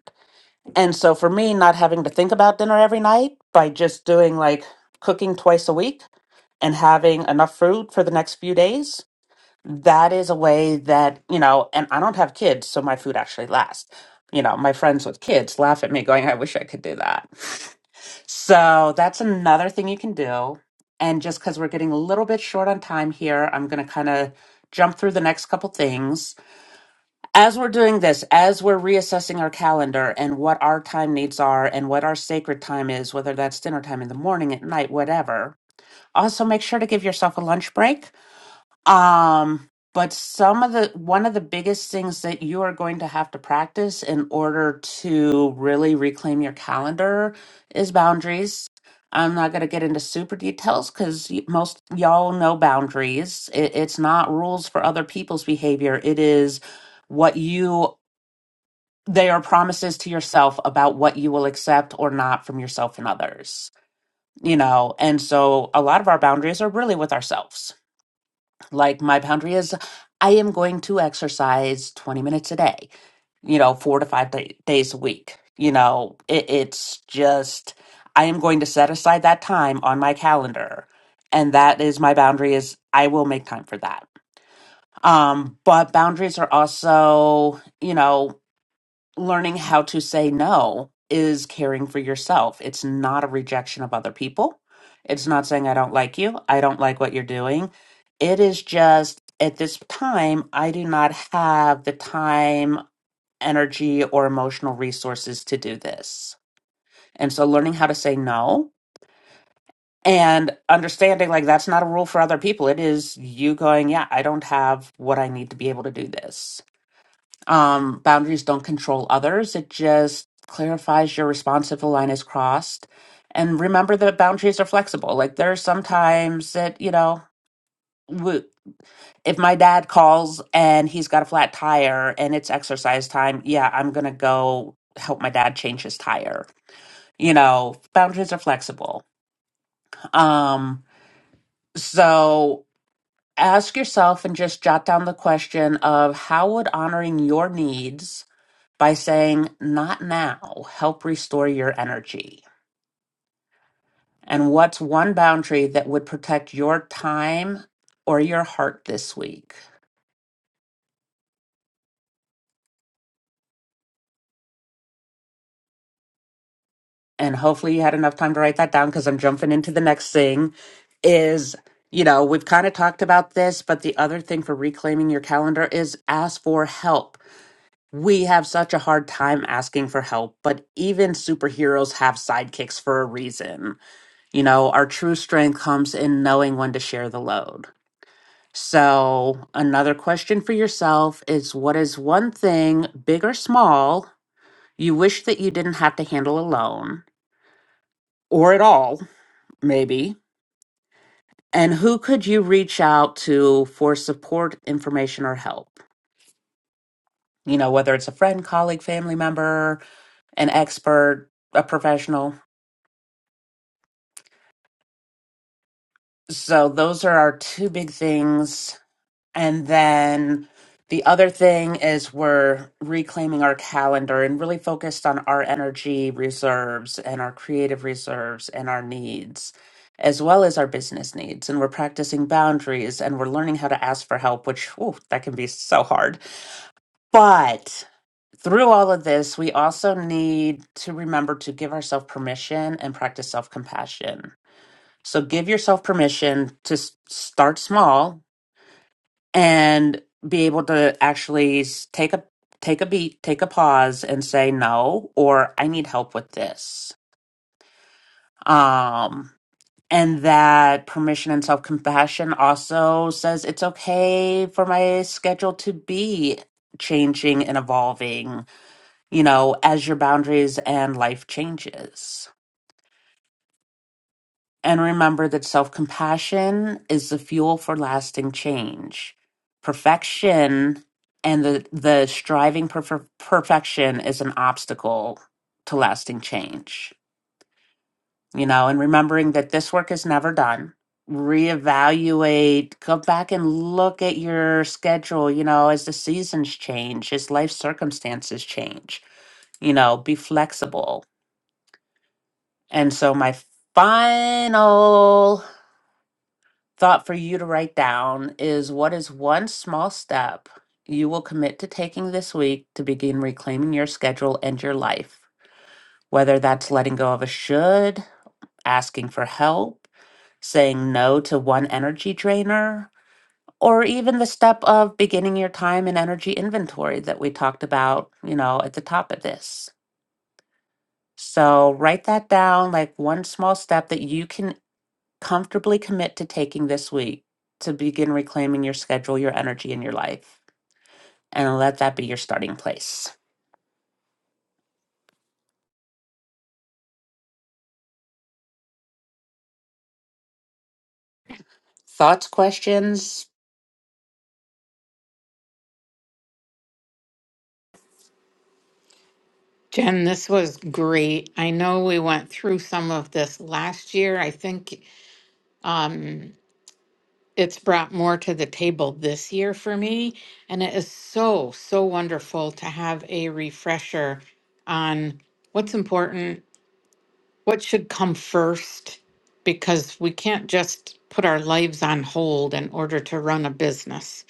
Speaker 2: And so for me, not having to think about dinner every night by just doing like cooking twice a week and having enough food for the next few days, that is a way that, you know, and I don't have kids, so my food actually lasts. You know, my friends with kids laugh at me going, I wish I could do that. So that's another thing you can do. And just because we're getting a little bit short on time here, I'm going to kind of jump through the next couple things as we're doing this, as we're reassessing our calendar and what our time needs are and what our sacred time is, whether that's dinner time in the morning, at night, whatever, also make sure to give yourself a lunch break. Um, but some of the one of the biggest things that you are going to have to practice in order to really reclaim your calendar is boundaries. I'm not going to get into super details because most y'all know boundaries. It, it's not rules for other people's behavior. It is what you they are promises to yourself about what you will accept or not from yourself and others you know and so a lot of our boundaries are really with ourselves like my boundary is i am going to exercise 20 minutes a day you know four to five day, days a week you know it, it's just i am going to set aside that time on my calendar and that is my boundary is i will make time for that um but boundaries are also you know learning how to say no is caring for yourself. It's not a rejection of other people. It's not saying, I don't like you. I don't like what you're doing. It is just, at this time, I do not have the time, energy, or emotional resources to do this. And so learning how to say no and understanding like that's not a rule for other people. It is you going, yeah, I don't have what I need to be able to do this um, boundaries don't control others. It just clarifies your response if the line is crossed. And remember that boundaries are flexible. Like there are some times that, you know, w- if my dad calls and he's got a flat tire and it's exercise time, yeah, I'm going to go help my dad change his tire. You know, boundaries are flexible. Um, so ask yourself and just jot down the question of how would honoring your needs by saying, Not now, help restore your energy? And what's one boundary that would protect your time or your heart this week? And hopefully you had enough time to write that down because I'm jumping into the next thing. Is, you know, we've kind of talked about this, but the other thing for reclaiming your calendar is ask for help. We have such a hard time asking for help, but even superheroes have sidekicks for a reason. You know, our true strength comes in knowing when to share the load. So, another question for yourself is what is one thing, big or small, you wish that you didn't have to handle alone or at all, maybe? And who could you reach out to for support, information, or help? You know, whether it's a friend, colleague, family member, an expert, a professional. So, those are our two big things And then the other thing is we're reclaiming our calendar and really focused on our energy reserves and our creative reserves and our needs, as well as our business needs. And we're practicing boundaries and we're learning how to ask for help, which, ooh, that can be so hard. But through all of this, we also need to remember to give ourselves permission and practice self compassion. So give yourself permission to s- start small and be able to actually s- take a take a beat, take a pause and say no or I need help with this. Um and that permission and self-compassion also says it's okay for my schedule to be changing and evolving, you know, as your boundaries and life changes. And remember that self compassion is the fuel for lasting change. Perfection and the, the striving for per- perfection is an obstacle to lasting change. You know, and remembering that this work is never done. Reevaluate, go back and look at your schedule, you know, as the seasons change, as life circumstances change, you know, be flexible. And so, my final thought for you to write down is what is one small step you will commit to taking this week to begin reclaiming your schedule and your life? Whether that's letting go of a should, asking for help, saying no to one energy drainer, or even the step of beginning your time and energy inventory that we talked about, you know, at the top of this. So write that down like one small step that you can comfortably commit to taking this week to begin reclaiming your schedule, your energy, and your life, and let that be your starting place. Thoughts, questions?
Speaker 1: Jen, this was great. I know we went through some of this last year. I think um, it's brought more to the table this year for me. And it is so, so wonderful to have a refresher on what's important, what should come first, because we can't just put our lives on hold in order to run a business.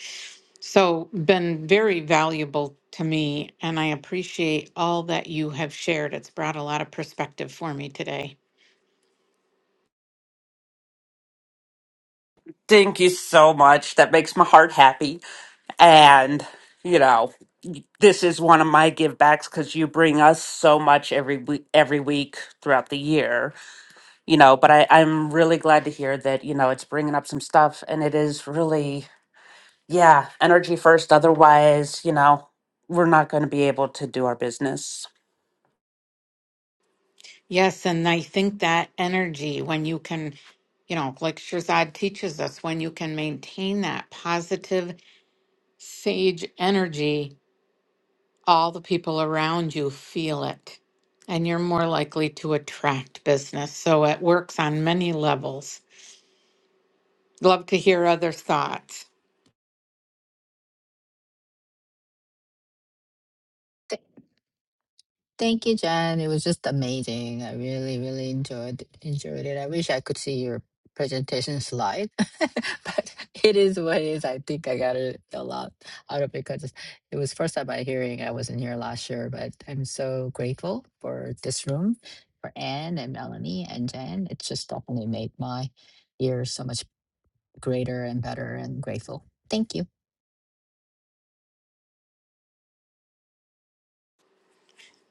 Speaker 1: So, been very valuable to me, and I appreciate all that you have shared. It's brought a lot of perspective for me today.
Speaker 2: Thank you so much. That makes my heart happy. And, you know, this is one of my give backs because you bring us so much every week, every week throughout the year, you know. But I, I'm really glad to hear that, you know, it's bringing up some stuff and it is really Yeah, energy first. Otherwise, you know, we're not going to be able to do our business.
Speaker 1: Yes, and I think that energy, when you can, you know, like Shirzad teaches us, when you can maintain that positive sage energy, all the people around you feel it. And you're more likely to attract business. So it works on many levels. Love to hear other thoughts.
Speaker 3: Thank you, Jen. It was just amazing. I really, really enjoyed enjoyed it. I wish I could see your presentation slide, but it is what it is. I think I got it a lot out of it because it was first time I hearing. I wasn't here last year, but I'm so grateful for this room, for Anne and Melanie and Jen. It just definitely made my year so much greater and better and grateful. Thank you.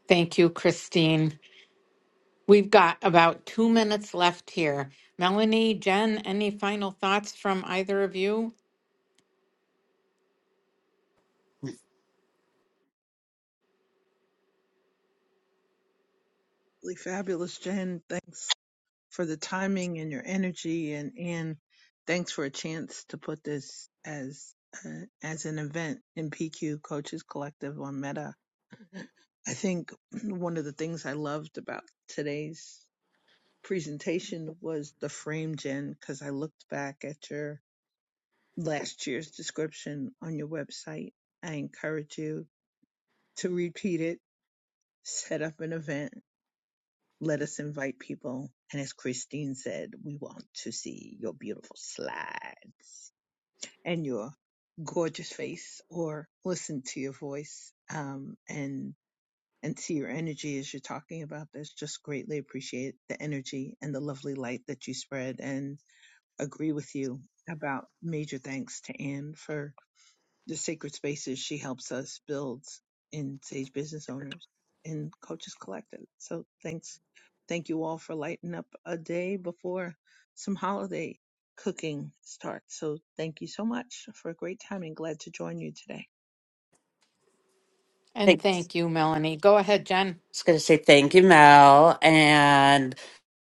Speaker 1: Thank you, Christine. We've got about two minutes left here. Melanie, Jen, any final thoughts from either of you?
Speaker 4: Really fabulous, Jen. Thanks for the timing and your energy, and and thanks for a chance to put this as uh, as an event in PQ Coaches Collective on Meta I think one of the things I loved about today's presentation was the frame, Jen, because I looked back at your last year's description on your website. I encourage you to repeat it, set up an event, let us invite people. And as Christine said, we want to see your beautiful slides and your gorgeous face or listen to your voice. Um, and and see your energy as you're talking about this. Just greatly appreciate the energy and the lovely light that you spread and agree with you about major thanks to Anne for the sacred spaces she helps us build in Sage Business Owners and Coaches Collective. So thanks. Thank you all for lighting up a day before some holiday cooking starts. So thank you so much for a great time and glad to join you today.
Speaker 1: And
Speaker 2: Thanks.
Speaker 1: thank you, Melanie. Go ahead, Jen.
Speaker 2: I was going to say thank you, Mel. And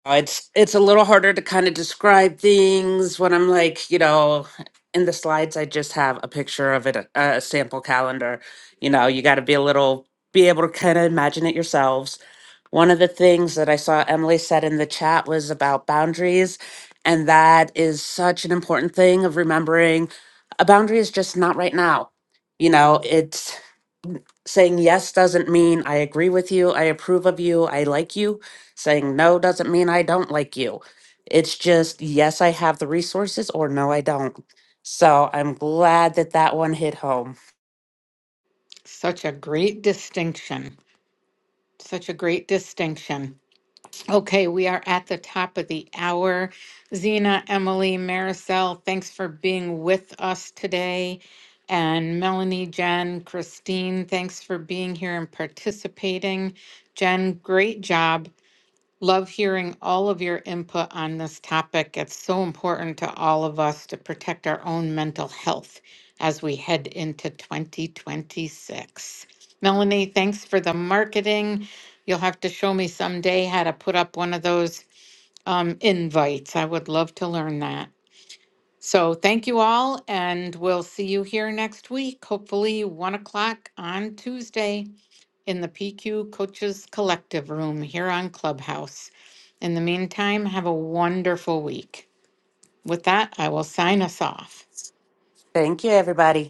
Speaker 2: uh, it's it's a little harder to kind of describe things when I'm like, you know, in the slides I just have a picture of it, a, a sample calendar. You know, you got to be a little be able to kind of imagine it yourselves. One of the things that I saw Emily said in the chat was about boundaries. And that is such an important thing of remembering a boundary is just not right now. You know, it's saying yes doesn't mean I agree with you, I approve of you, I like you. Saying no doesn't mean I don't like you. It's just yes, I have the resources or no, I don't. So I'm glad that that one hit home.
Speaker 1: Such a great distinction. Such a great distinction. Okay, we are at the top of the hour. Zena, Emily, Maricel, thanks for being with us today. And Melanie, Jen, Christine, thanks for being here and participating. Jen, great job. Love hearing all of your input on this topic. It's so important to all of us to protect our own mental health as we head into 2026. Melanie, thanks for the marketing. You'll have to show me someday how to put up one of those um, invites. I would love to learn that. So, thank you all, and we'll see you here next week, hopefully, one o'clock on Tuesday in the PQ Coaches Collective Room here on Clubhouse. In the meantime, have a wonderful week. With that, I will sign us off.
Speaker 2: Thank you, everybody.